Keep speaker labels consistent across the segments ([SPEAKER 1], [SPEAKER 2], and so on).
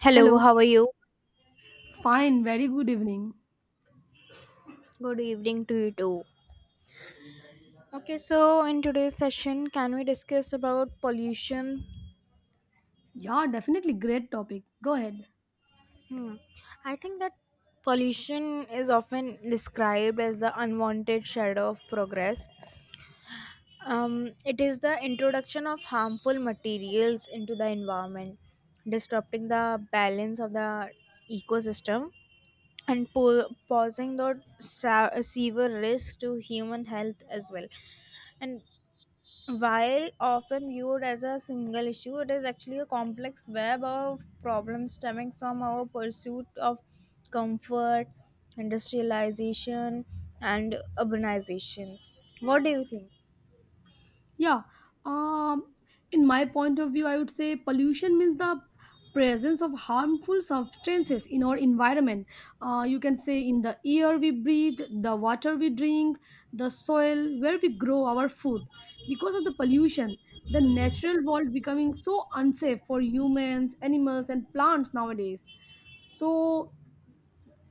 [SPEAKER 1] Hello,
[SPEAKER 2] Hello.
[SPEAKER 1] how are you?
[SPEAKER 2] Fine. Very good evening.
[SPEAKER 1] Good evening to you too. Okay, so in today's session, can we discuss about pollution?
[SPEAKER 2] Yeah, definitely great topic. Go ahead.
[SPEAKER 1] Hmm. I think that pollution is often described as the unwanted shadow of progress. It is the introduction of harmful materials into the environment, disrupting the balance of the ecosystem and posing the severe risk to human health as well. And while often viewed as a single issue, it is actually a complex web of problems stemming from our pursuit of comfort, industrialization, and urbanization. What do you think?
[SPEAKER 2] Yeah. Um, in my point of view, I would say pollution means the presence of harmful substances in our environment. You can say in the air we breathe, the water we drink, the soil where we grow our food. Because of the pollution, the natural world becoming so unsafe for humans, animals, and plants nowadays. So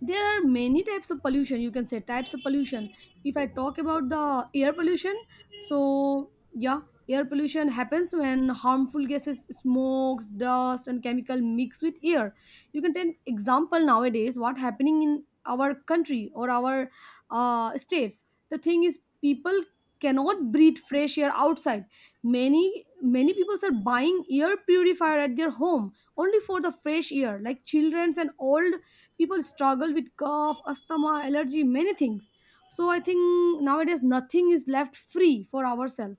[SPEAKER 2] there are many types of pollution, you can say types of pollution. If I talk about the air pollution, so yeah, air pollution happens when harmful gases, smokes, dust and chemical mix with air. You can take example nowadays what happening in our country or our states. The thing is people cannot breathe fresh air outside. Many people are buying air purifier at their home only for the fresh air. Like childrens and old people struggle with cough, asthma, allergy, many things. So I think nowadays nothing is left free for ourselves.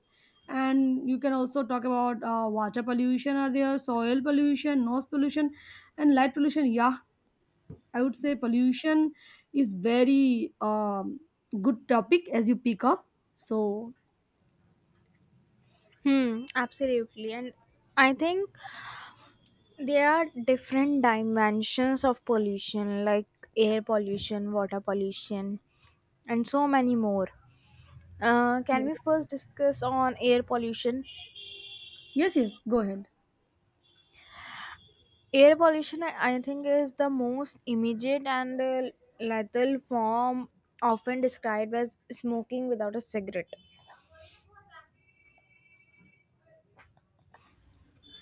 [SPEAKER 2] And you can also talk about water pollution, are there soil pollution, noise pollution and light pollution. Yeah, I would say pollution is very good topic as you pick up. So
[SPEAKER 1] Hmm, absolutely. And I think there are different dimensions of pollution, like air pollution, water pollution, and so many more. Can
[SPEAKER 2] yeah.
[SPEAKER 1] we first discuss on air pollution?
[SPEAKER 2] Yes, yes, go ahead.
[SPEAKER 1] Air pollution, I think, is the most immediate and lethal form, often described as smoking without a cigarette.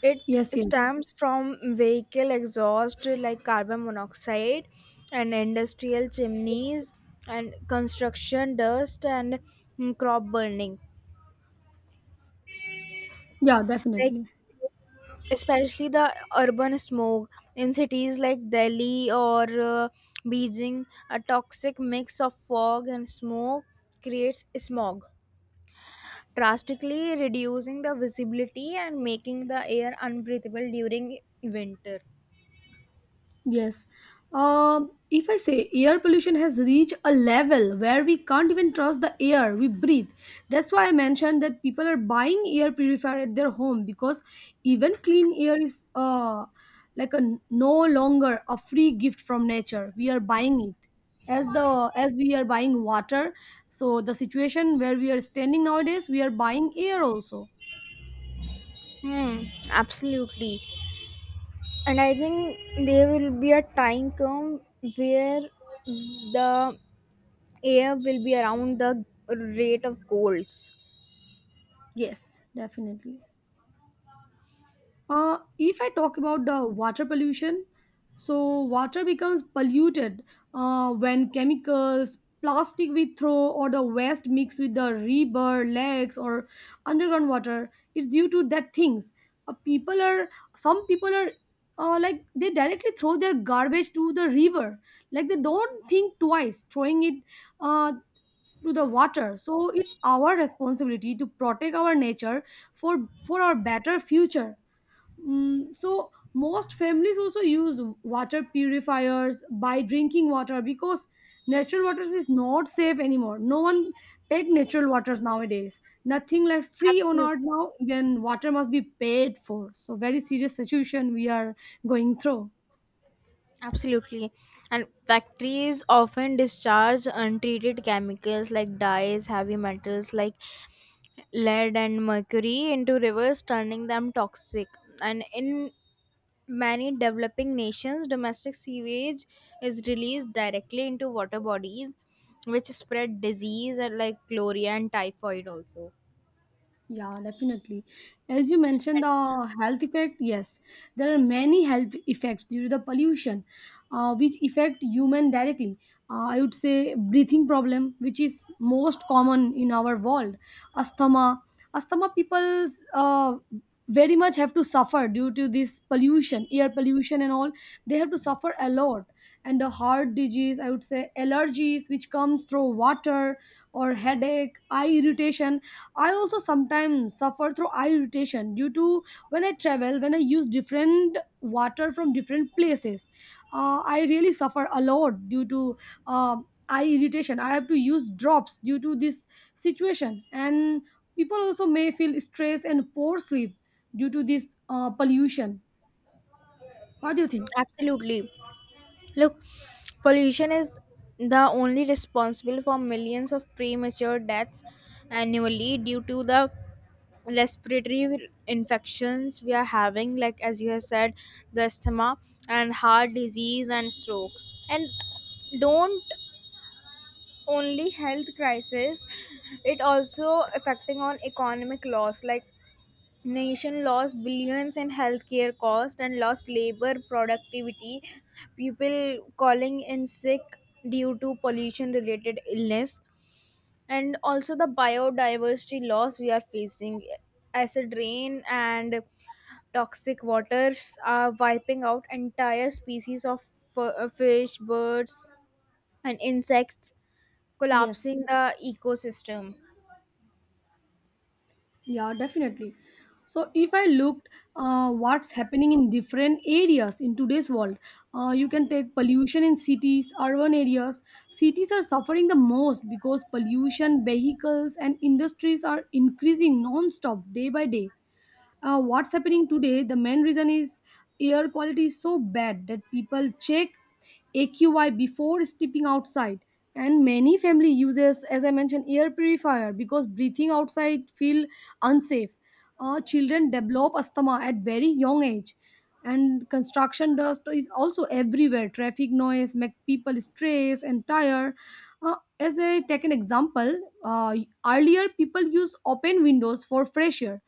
[SPEAKER 1] It
[SPEAKER 2] Yes, yes.
[SPEAKER 1] stems from vehicle exhaust like carbon monoxide and industrial chimneys and construction dust and crop burning.
[SPEAKER 2] Yeah,
[SPEAKER 1] Like
[SPEAKER 2] definitely.
[SPEAKER 1] especially the urban smog in cities like Delhi or Beijing, a toxic mix of fog and smoke creates smog, drastically reducing the visibility and making the air unbreathable during winter.
[SPEAKER 2] Yes. If I say air pollution has reached a level where we can't even trust the air we breathe, that's why I mentioned that people are buying air purifier at their home because even clean air is like no longer a free gift from nature. We are buying it as we are buying water. So the situation where we are standing nowadays, we are buying air also.
[SPEAKER 1] Hmm, absolutely. And I think there will be a time come where the air will be around the rate of colds.
[SPEAKER 2] Yes, definitely. If I talk about the water pollution, so water becomes polluted when chemicals, plastic we throw, or the waste mix with the river, lakes, or underground water. It's due to that things. People are Some people are like they directly throw their garbage to the river. Like they don't think twice throwing it uh, to the water. So it's our responsibility to protect our nature for our better future. Mm, so most families also use water purifiers by drinking water because natural waters is not safe anymore, no one take natural waters nowadays. Nothing like free on
[SPEAKER 1] Absolutely.
[SPEAKER 2] earth now when water must be paid for. So very serious situation we are going through.
[SPEAKER 1] Absolutely. And factories often discharge untreated chemicals like dyes, heavy metals like lead and mercury into rivers, turning them toxic. And in many developing nations, domestic sewage is released directly into water bodies, which spread disease and like chlorella and typhoid also.
[SPEAKER 2] Yeah, definitely. As you mentioned, the health effect, yes, there are many health effects due to the pollution, which affect human directly. I would say breathing problem, which is most common in our world. Asthma, people uh, very much have to suffer due to this pollution, air pollution and all. They have to suffer a lot. And the heart disease, I would say allergies, which comes through water, or headache, eye irritation. I also sometimes suffer through eye irritation due to when I travel, when I use different water from different places. I really suffer a lot due to eye irritation. I have to use drops due to this situation, and people also may feel stress and poor sleep due to this pollution. What do you think?
[SPEAKER 1] Absolutely. Look, pollution is the only responsible for millions of premature deaths annually due to the respiratory infections we are having, like as you have said, the asthma and heart disease and strokes. And don't only health crisis, it also affecting on economic loss like nation lost billions in healthcare cost and lost labor productivity, people calling in sick due to pollution related illness, and also the biodiversity loss we are facing, acid rain and toxic waters are wiping out entire species of fish, birds and insects,
[SPEAKER 2] Yes.
[SPEAKER 1] collapsing the ecosystem.
[SPEAKER 2] Yeah, definitely. So if I looked what's happening in different areas in today's world, you can take pollution in cities, urban areas. Cities are suffering the most because pollution, vehicles, and industries are increasing non-stop day by day. What's happening today, the main reason is air quality is so bad that people check AQI before stepping outside. And many family uses, as I mentioned, air purifier because breathing outside feel unsafe. Children develop asthma at very young age. And construction dust is also everywhere. Traffic noise make people stress and tired. As I take an example, uh, earlier people use open windows for fresh air.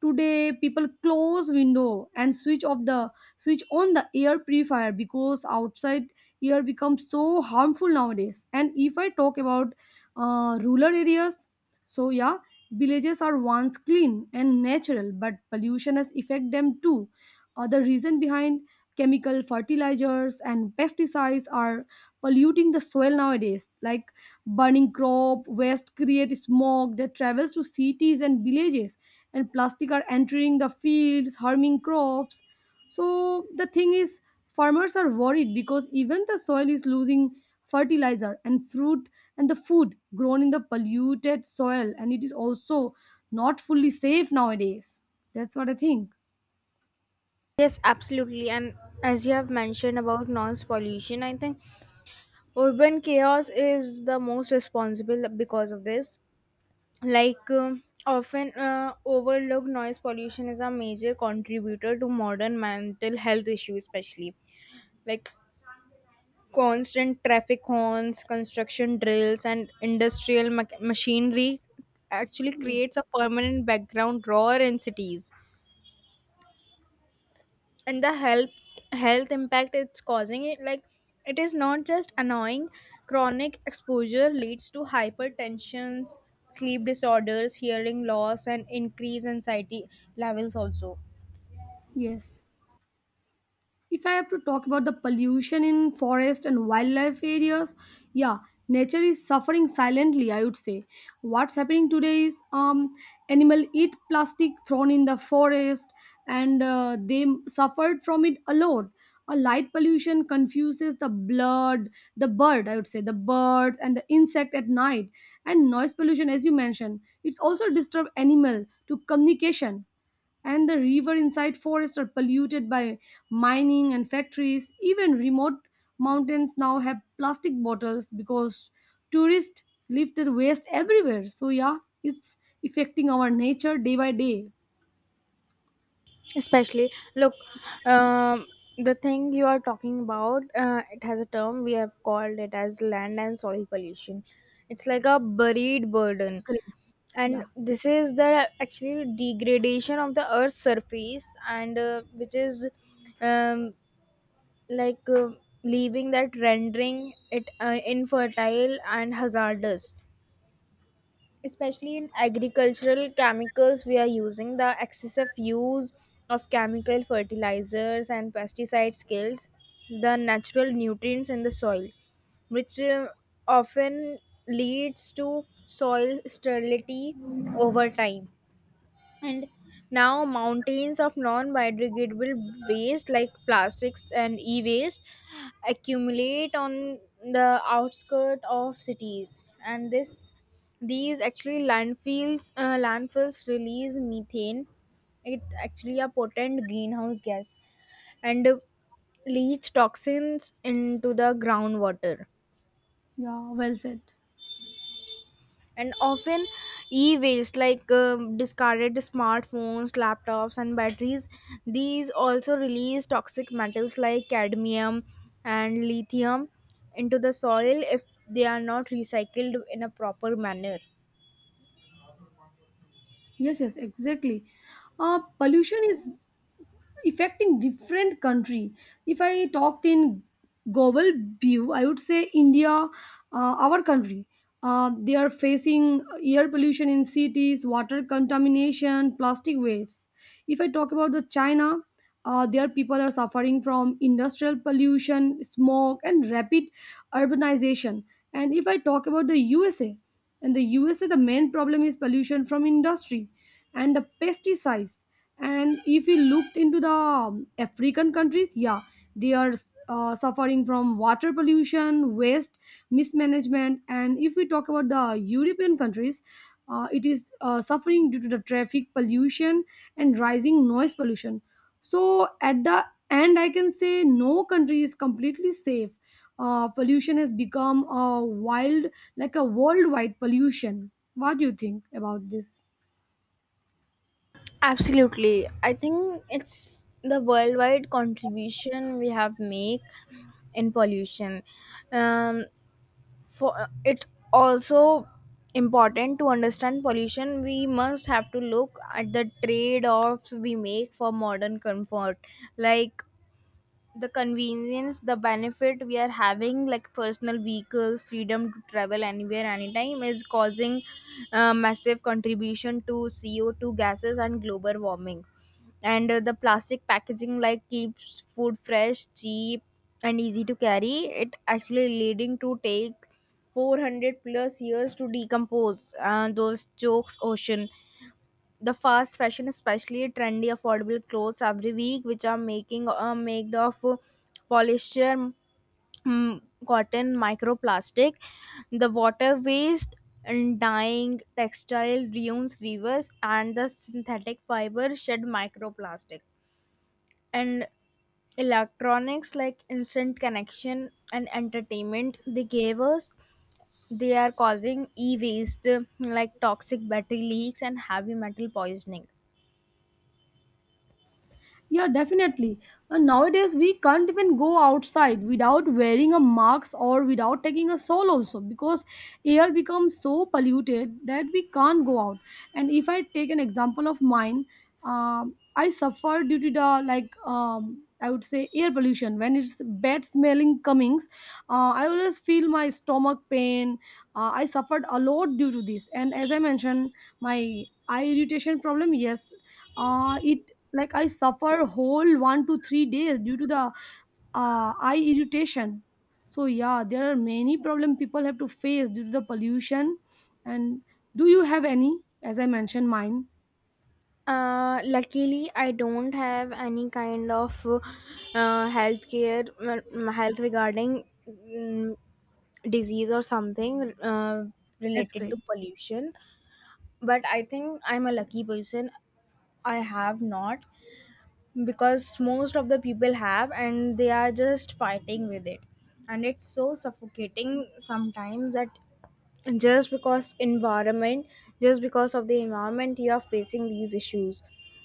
[SPEAKER 2] Today, people close window and switch on the air purifier because outside air becomes so harmful nowadays. And if I talk about rural areas, so yeah, villages are once clean and natural, but pollution has affect them too. The reason behind chemical fertilizers and pesticides are polluting the soil nowadays. Like burning crop waste create smoke that travels to cities and villages, and plastic are entering the fields, harming crops. So the thing is, farmers are worried because even the soil is losing fertilizer and fruit and the food grown in the polluted soil, and it is also not fully safe nowadays. That's what I think.
[SPEAKER 1] Yes, absolutely. And as you have mentioned about noise pollution, I think urban chaos is the most responsible because of this, like often overlooked noise pollution is a major contributor to modern mental health issues, especially like constant traffic horns, construction drills and industrial machinery actually
[SPEAKER 2] Yeah.
[SPEAKER 1] creates a permanent background roar in cities. And the health impact it's causing, it like it is not just annoying. Chronic exposure leads to hypertension, sleep disorders, hearing loss and increased anxiety levels also.
[SPEAKER 2] Yes. If I have to talk about the pollution in forest and wildlife areas, yeah, nature is suffering silently, I would say. What's happening today is animal eat plastic thrown in the forest, and they suffered from it alone. A light pollution confuses the blood, the bird, I would say, the birds and the insect at night. And noise pollution, as you mentioned, it's also disturb animal to communication, and the river inside forests are polluted by mining and factories. Even remote mountains now have plastic bottles because tourists leave their waste everywhere. So yeah, it's affecting our nature day by day.
[SPEAKER 1] Especially look, um, the thing you are talking about, it has a term, we have called it as land and soil pollution. It's like a buried burden,
[SPEAKER 2] Correct.
[SPEAKER 1] and
[SPEAKER 2] Yeah.
[SPEAKER 1] this is the actually degradation of the earth's surface, and which is um, like leaving that, rendering it infertile and hazardous, especially in agricultural chemicals we are using. The excessive use of chemical fertilizers and pesticide kills the natural nutrients in the soil, which often leads to soil sterility over time. And now mountains of non-biodegradable waste like plastics and e-waste accumulate on the outskirts of cities, and this these actually landfills release methane, it actually a potent greenhouse gas, and leach toxins into the groundwater.
[SPEAKER 2] Yeah, well said.
[SPEAKER 1] And often e-waste like discarded smartphones, laptops and batteries, these also release toxic metals like cadmium and lithium into the soil if they are not recycled in a proper manner.
[SPEAKER 2] Yes, yes, exactly. Pollution is affecting different country. If I talked in global view, I would say India, our country, they are facing air pollution in cities, water contamination, plastic waste. If I talk about the China, their people are suffering from industrial pollution, smoke and rapid urbanization. And if I talk about the USA, in the USA the main problem is pollution from industry and the pesticides. And if we looked into the African countries, yeah, they are suffering from water pollution, waste mismanagement. And if we talk about the European countries, it is suffering due to the traffic pollution and rising noise pollution. So at the end I can say no country is completely safe. Pollution has become a wild, like a worldwide pollution. What do you think about this?
[SPEAKER 1] Absolutely, I think it's the worldwide contribution we have make in pollution. um, for it's also important to understand pollution, we must have to look at the trade offs we make for modern comfort, like the convenience, the benefit we are having, like personal vehicles, freedom to travel anywhere anytime is causing massive contribution to co2 gases and global warming. And the plastic packaging like keeps food fresh, cheap and easy to carry, it actually leading to take 400 plus years to decompose, those chokes ocean. The fast fashion, especially trendy affordable clothes every week, which are making made of polyester, cotton microplastic, the water waste and dyeing textile ruins rivers, and the synthetic fiber shed microplastic. And electronics like instant connection and entertainment they gave us, they are causing e-waste, like toxic battery leaks and heavy metal poisoning.
[SPEAKER 2] Yeah, definitely. And nowadays, we can't even go outside without wearing a mask or without taking a soul also because air becomes so polluted that we can't go out. And if I take an example of mine, I suffer due to the, like, I would say air pollution when it's bad smelling comings. I always feel my stomach pain. I suffered a lot due to this. And as I mentioned, my eye irritation problem. Yes, it, like, I suffer whole 1 to 3 days due to the eye irritation. So yeah, there are many problem people have to face due to the pollution. And do you have any? As I mentioned mine.
[SPEAKER 1] Luckily, I don't have any kind of healthcare, health regarding, disease or something
[SPEAKER 2] That's
[SPEAKER 1] related
[SPEAKER 2] great.
[SPEAKER 1] to pollution. But I think I'm a lucky person. I have not, because most of the people have, and they are just fighting with it, and it's so suffocating sometimes that just because environment just because of the environment you are facing these issues.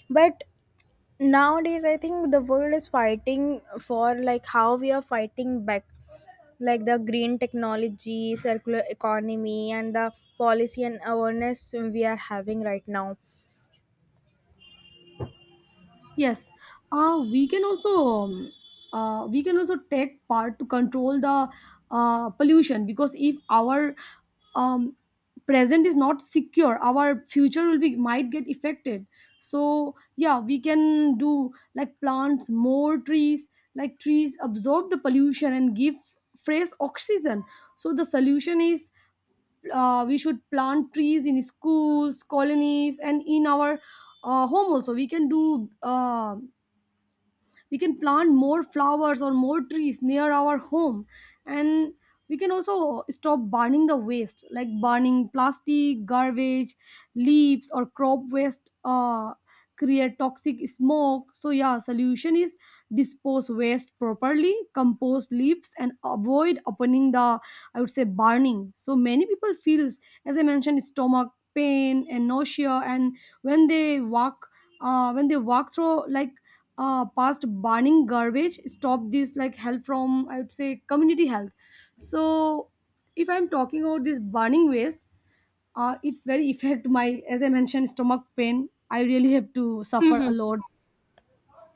[SPEAKER 1] But nowadays I think the world is fighting for, like how we are fighting back, like the green technology, circular economy and the policy and awareness we are having right now.
[SPEAKER 2] Yes, uh, we can also um, we can also take part to control the pollution because if our um, present is not secure, our future will be might get affected. So yeah, we can do like plants more trees, like trees absorb the pollution and give fresh oxygen. So the solution is we should plant trees in schools, colonies and in our home also. We can do we can plant more flowers or more trees near our home. And we can also stop burning the waste like burning plastic, garbage, leaves or crop waste. Create toxic smoke. So yeah, solution is dispose waste properly, compost leaves and avoid opening the, I would say, burning. So many people feels, as I mentioned, stomach pain and nausea. And when they walk when they walk through, like, past burning garbage. Stop this, like help from, I would say, community health. So if I'm talking about this burning waste, it's very affect my, as I mentioned, stomach pain. I really have to suffer a lot.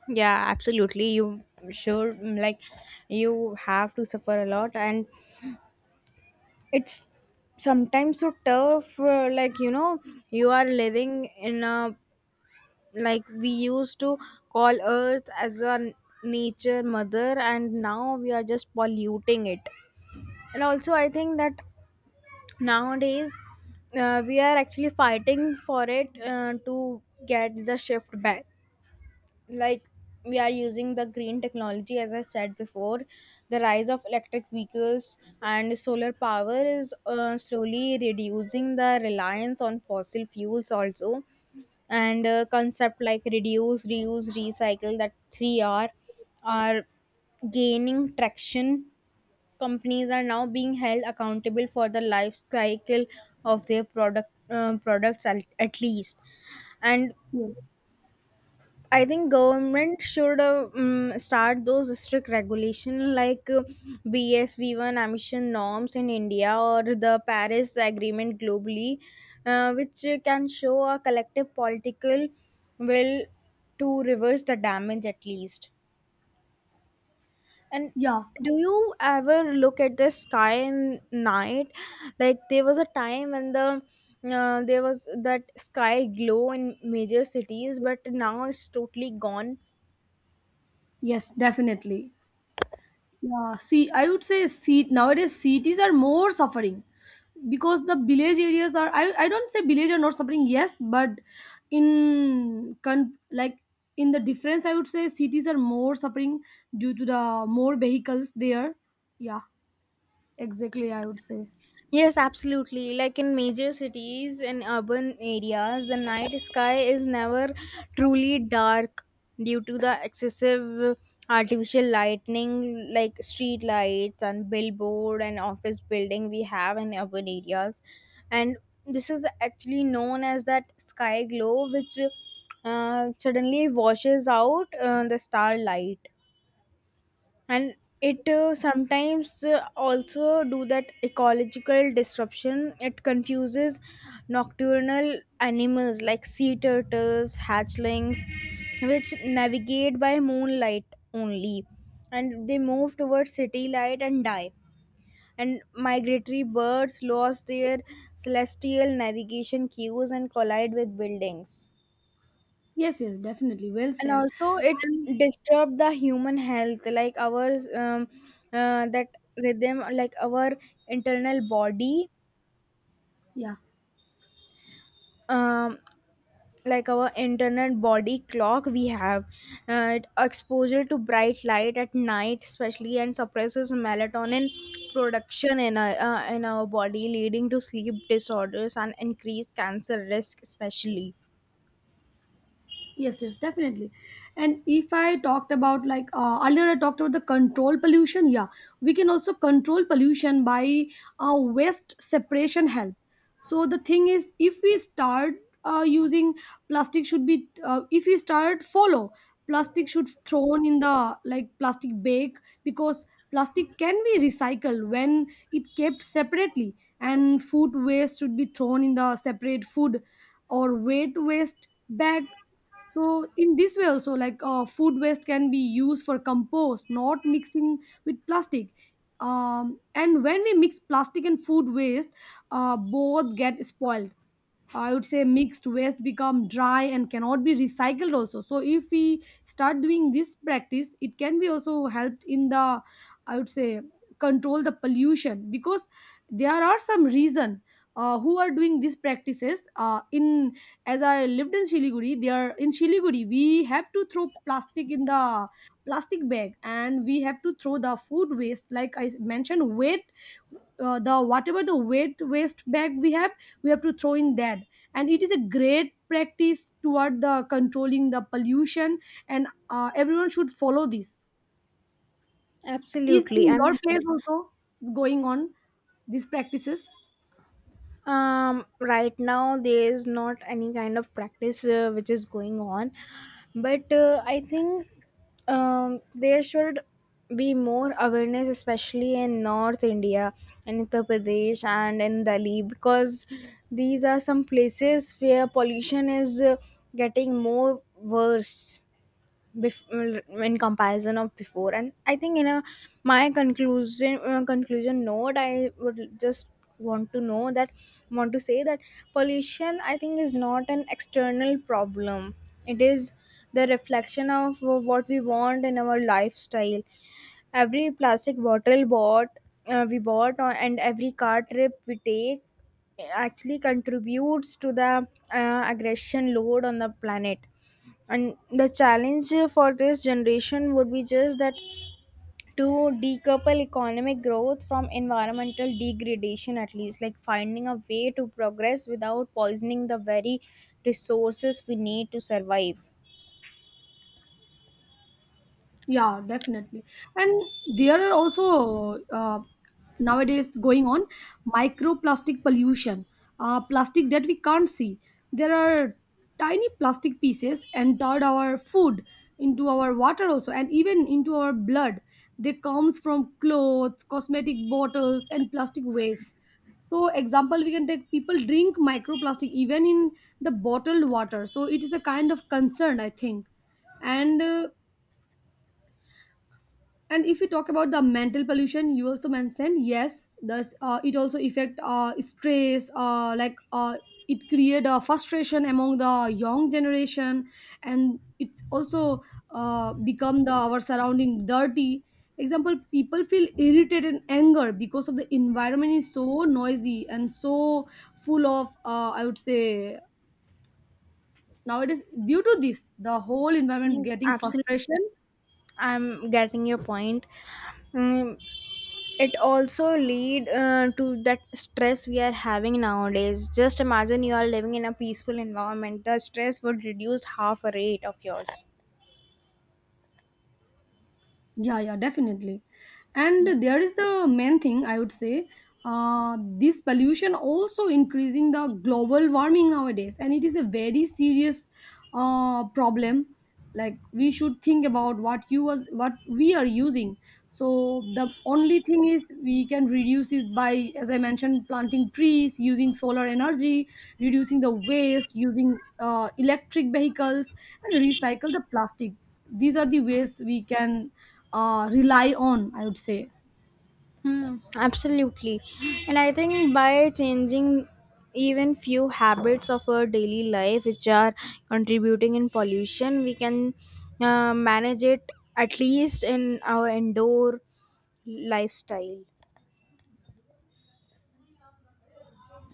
[SPEAKER 1] Yeah, absolutely. You sure, like you have to suffer a lot, and it's sometimes so tough, like you know, you are living in a like, we used to call earth as a nature mother, and now we are just polluting it. And also I think that nowadays we are actually fighting for it to get the shift back, like we are using the green technology as I said before. The rise of electric vehicles and solar power is slowly reducing the reliance on fossil fuels also. And concept like reduce, reuse, recycle, that 3R are gaining traction. Companies are now being held accountable for the life cycle of their products at least. And
[SPEAKER 2] Yeah,
[SPEAKER 1] I think government should start those strict regulation like BSV1 emission norms in India or the Paris Agreement globally, which can show a collective political will to reverse the damage at least. And
[SPEAKER 2] yeah.
[SPEAKER 1] do you ever look at the sky in night? Like there was a time when there was that sky glow in major cities, but now it's totally gone.
[SPEAKER 2] Yes, definitely. Yeah, see, I would say seat nowadays cities are more suffering because the village areas are. I don't say village are not suffering. Yes, but in con, like in the difference, I would say cities are more suffering due to the more vehicles there. Yeah, exactly. I would say
[SPEAKER 1] Yes, absolutely. Like in major cities and urban areas, the night sky is never truly dark due to the excessive artificial lightning like street lights and billboard and office building we have in urban areas. And this is actually known as that sky glow which suddenly washes out the starlight. And it sometimes also do that ecological disruption, it confuses nocturnal animals like sea turtles hatchlings, which navigate by moonlight only, and they move towards city light and die. And migratory birds lost their celestial navigation cues and collide with buildings.
[SPEAKER 2] yes, yes, definitely. Well
[SPEAKER 1] And
[SPEAKER 2] said.
[SPEAKER 1] also it
[SPEAKER 2] And
[SPEAKER 1] disturbed the human health, like our that rhythm, like our internal body
[SPEAKER 2] yeah.
[SPEAKER 1] um, like our internal body clock we have, exposure to bright light at night especially and suppresses melatonin production in in our body, leading to sleep disorders and increased cancer risk especially.
[SPEAKER 2] Yes, yes, definitely. And if I talked about, like, earlier I talked about the control pollution, yeah, we can also control pollution by waste separation help. So the thing is, if we start using plastic should be if we start follow plastic should thrown in the, like, plastic bag, because plastic can be recycled when it kept separately. And food waste should be thrown in the separate food or weight waste bag. So in this way also, like food waste can be used for compost, not mixing with plastic. And when we mix plastic and food waste, both get spoiled. I would say mixed waste become dry and cannot be recycled also. So if we start doing this practice, it can be also helped in the, I would say, control the pollution because there are some reason who are doing these practices in, as I lived in Shiliguri, they are in Shiliguri. We have to throw plastic in the plastic bag, and we have to throw the food waste like I mentioned weight, the whatever the weight waste bag we have, we have to throw in that. And it is a great practice toward the controlling the pollution, and everyone should follow this. Is
[SPEAKER 1] Absolutely.
[SPEAKER 2] in
[SPEAKER 1] And
[SPEAKER 2] your place also going on these practices?
[SPEAKER 1] right now there is not any kind of practice which is going on, but I think there should be more awareness, especially in North India, in Uttar Pradesh and in Delhi, because these are some places where pollution is getting more worse in comparison of before. And I think in a my conclusion note, I would just want to know that want to say that pollution I think is not an external problem, it is the reflection of what we want in our lifestyle. Every plastic bottle bought uh, we bought and every car trip we take actually contributes to the aggression load on the planet. And the challenge for this generation would be just that, to decouple economic growth from environmental degradation, at least like finding a way to progress without poisoning the very resources we need to survive.
[SPEAKER 2] Yeah, definitely. And there are also nowadays going on microplastic pollution, plastic that we can't see. There are tiny plastic pieces entered our food, into our water also, and even into our blood. They comes from clothes, cosmetic bottles, and plastic waste. So, example, we can take people drink microplastic even in the bottled water. So, it is a kind of concern, I think. And and if we talk about the mental pollution, you also mentioned yes, thus, it also affect stress? Like, it create a frustration among the young generation, and it's also become the our surrounding dirty. Example: people feel irritated and anger because of the environment is so noisy and so full of, I would say, nowadays due to this the whole environment
[SPEAKER 1] Yes,
[SPEAKER 2] getting frustration.
[SPEAKER 1] absolutely. I'm getting your point. Mm, it also lead to that stress we are having nowadays. Just imagine you are living in a peaceful environment, the stress would reduce half a rate of yours.
[SPEAKER 2] Yeah, yeah, definitely.
[SPEAKER 1] Yeah.
[SPEAKER 2] And there is the main thing I would say. This pollution also increasing the global warming nowadays, and it is a very serious problem. Like we should think about what you was what we are using. So the only thing is we can reduce it by, as I mentioned, planting trees, using solar energy, reducing the waste, using electric vehicles, and recycle the plastic. These are the ways we can rely on, I would say.
[SPEAKER 1] Hmm, absolutely. And I think by changing even few habits of our daily life which are contributing in pollution, we can manage it at least in our indoor lifestyle.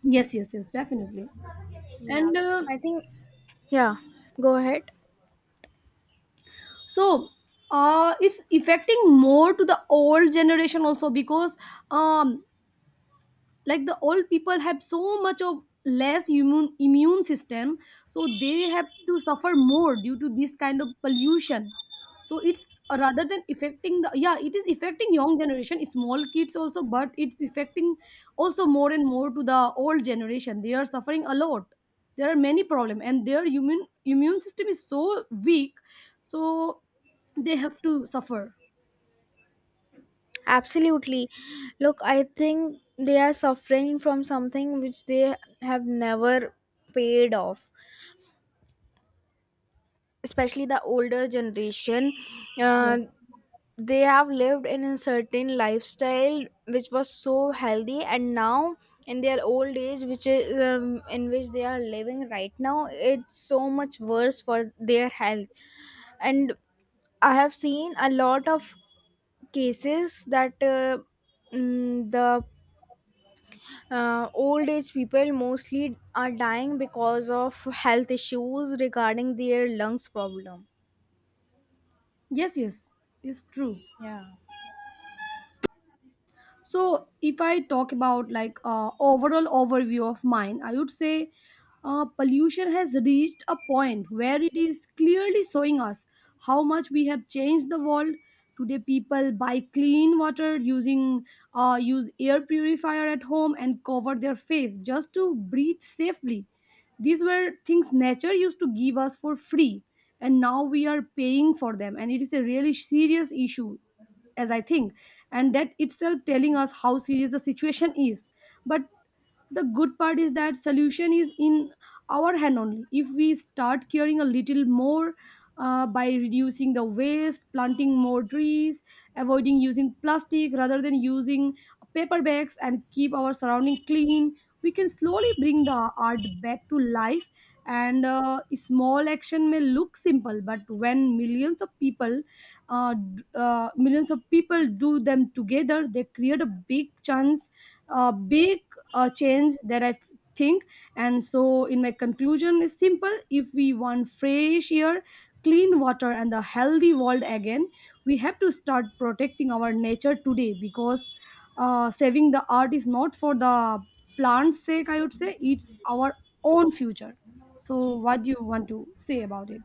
[SPEAKER 2] Yes, yes, yes, definitely.
[SPEAKER 1] Yeah.
[SPEAKER 2] And uh,
[SPEAKER 1] I think, yeah, go ahead.
[SPEAKER 2] so uh, it's affecting more to the old generation also because, um, like, the old people have so much of less immune system, so they have to suffer more due to this kind of pollution. So it's, rather than affecting the, yeah, it is affecting young generation, small kids also, but it's affecting also more and more to the old generation. They are suffering a lot. There are many problem, and their immune system is so weak, so they have to suffer.
[SPEAKER 1] Absolutely. Look, I think they are suffering from something which they have never paid off, especially the older generation. Uh,
[SPEAKER 2] Yes,
[SPEAKER 1] they have lived in a certain lifestyle which was so healthy, and now in their old age, which is in which they are living right now, it's so much worse for their health. And I have seen a lot of cases that mm, the old age people mostly are dying because of health issues regarding their lungs problem.
[SPEAKER 2] yes, yes, it's true.
[SPEAKER 1] Yeah.
[SPEAKER 2] So if I talk about like, overall overview of mine, I would say pollution has reached a point where it is clearly showing us how much we have changed the world. Today people buy clean water, using use air purifier at home and cover their face just to breathe safely. These were things nature used to give us for free, and now we are paying for them, and it is a really serious issue, as I think. And that itself telling us how serious the situation is. But the good part is that solution is in our hand only. If we start caring a little more, by reducing the waste, planting more trees, avoiding using plastic rather than using paper bags, and keep our surrounding clean, we can slowly bring the art back to life. And small action may look simple, but when millions of people millions of people do them together, they create a big chance, a big, change, that I think. And so in my conclusion is simple: if we want fresh air, clean water, and a healthy world again, we have to start protecting our nature today, because saving the earth is not for the plant's sake, I would say, it's our own future. So what do you want to say about it?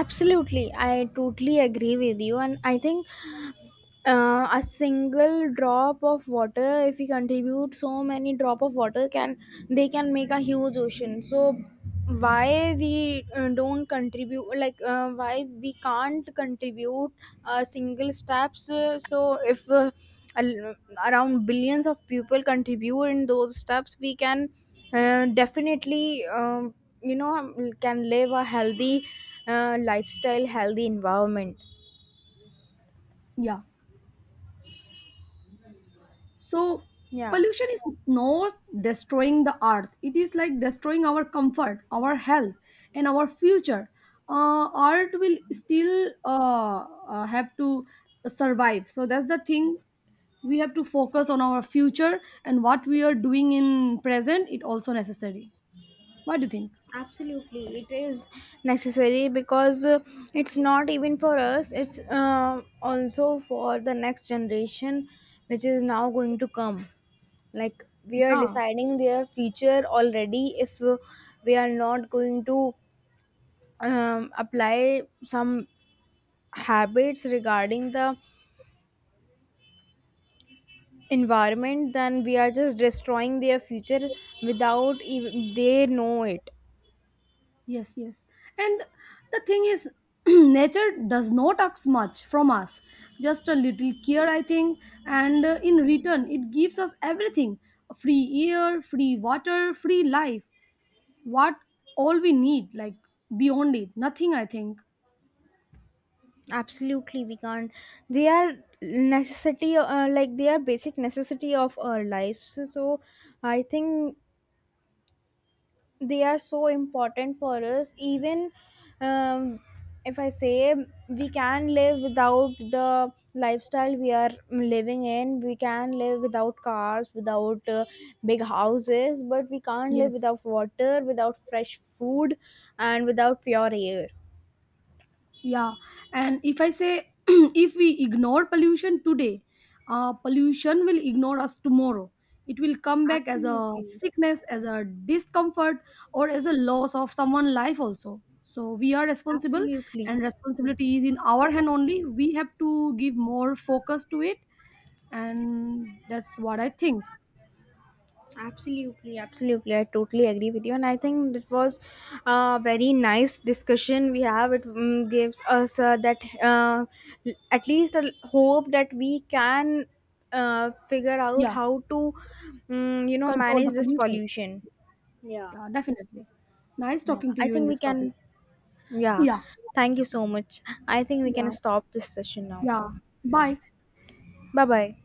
[SPEAKER 1] Absolutely, I totally agree with you, and I think a single drop of water, if we contribute so many drop of water can, they can make a huge ocean. So why we don't contribute, like why we can't contribute single steps, so if al- around billions of people contribute in those steps, we can definitely you know, can live a healthy lifestyle, healthy environment.
[SPEAKER 2] Yeah. So
[SPEAKER 1] Yeah,
[SPEAKER 2] pollution is not destroying the earth. It is like destroying our comfort, our health, and our future. Art will still have to survive. So that's the thing. We have to focus on our future and what we are doing in present. It also necessary. What do you think?
[SPEAKER 1] absolutely. It is necessary because it's not even for us, it's also for the next generation which is now going to come. Like we are
[SPEAKER 2] Yeah.
[SPEAKER 1] deciding their future already, if we are not going to apply some habits regarding the environment, then we are just destroying their future without even they know it.
[SPEAKER 2] Yes, yes. And the thing is, nature does not ask much from us. Just a little care, I think. And in return, it gives us everything: free air, free water, free life. What all we need, like, beyond it, nothing, I think.
[SPEAKER 1] Absolutely, we can't, they are necessity, like they are basic necessity of our lives. So, so I think they are so important for us. Even um, if I say, we can live without the lifestyle we are living in, we can live without cars, without big houses, but we can't live
[SPEAKER 2] Yes.
[SPEAKER 1] without water, without fresh food, and without pure air.
[SPEAKER 2] Yeah, and if I say if we ignore pollution today, pollution will ignore us tomorrow. It will come back as a
[SPEAKER 1] Absolutely.
[SPEAKER 2] sickness, as a discomfort, or as a loss of someone's life also. So we are responsible,
[SPEAKER 1] Absolutely.
[SPEAKER 2] and responsibility is in our hand only. We have to give more focus to it, and that's what I think.
[SPEAKER 1] Absolutely, absolutely. I totally agree with you, and I think it was a very nice discussion we have. It gives us that at least a hope that we can figure out
[SPEAKER 2] Yeah,
[SPEAKER 1] how to, you know,
[SPEAKER 2] control the
[SPEAKER 1] manage this
[SPEAKER 2] pollution.
[SPEAKER 1] pollution.
[SPEAKER 2] Yeah, definitely. Nice
[SPEAKER 1] Yeah,
[SPEAKER 2] talking to
[SPEAKER 1] I
[SPEAKER 2] you in
[SPEAKER 1] think we
[SPEAKER 2] this topic.
[SPEAKER 1] can. Yeah,
[SPEAKER 2] Yeah,
[SPEAKER 1] thank you so much. I think we can
[SPEAKER 2] yeah,
[SPEAKER 1] stop this session now.
[SPEAKER 2] yeah. Bye.
[SPEAKER 1] Bye bye.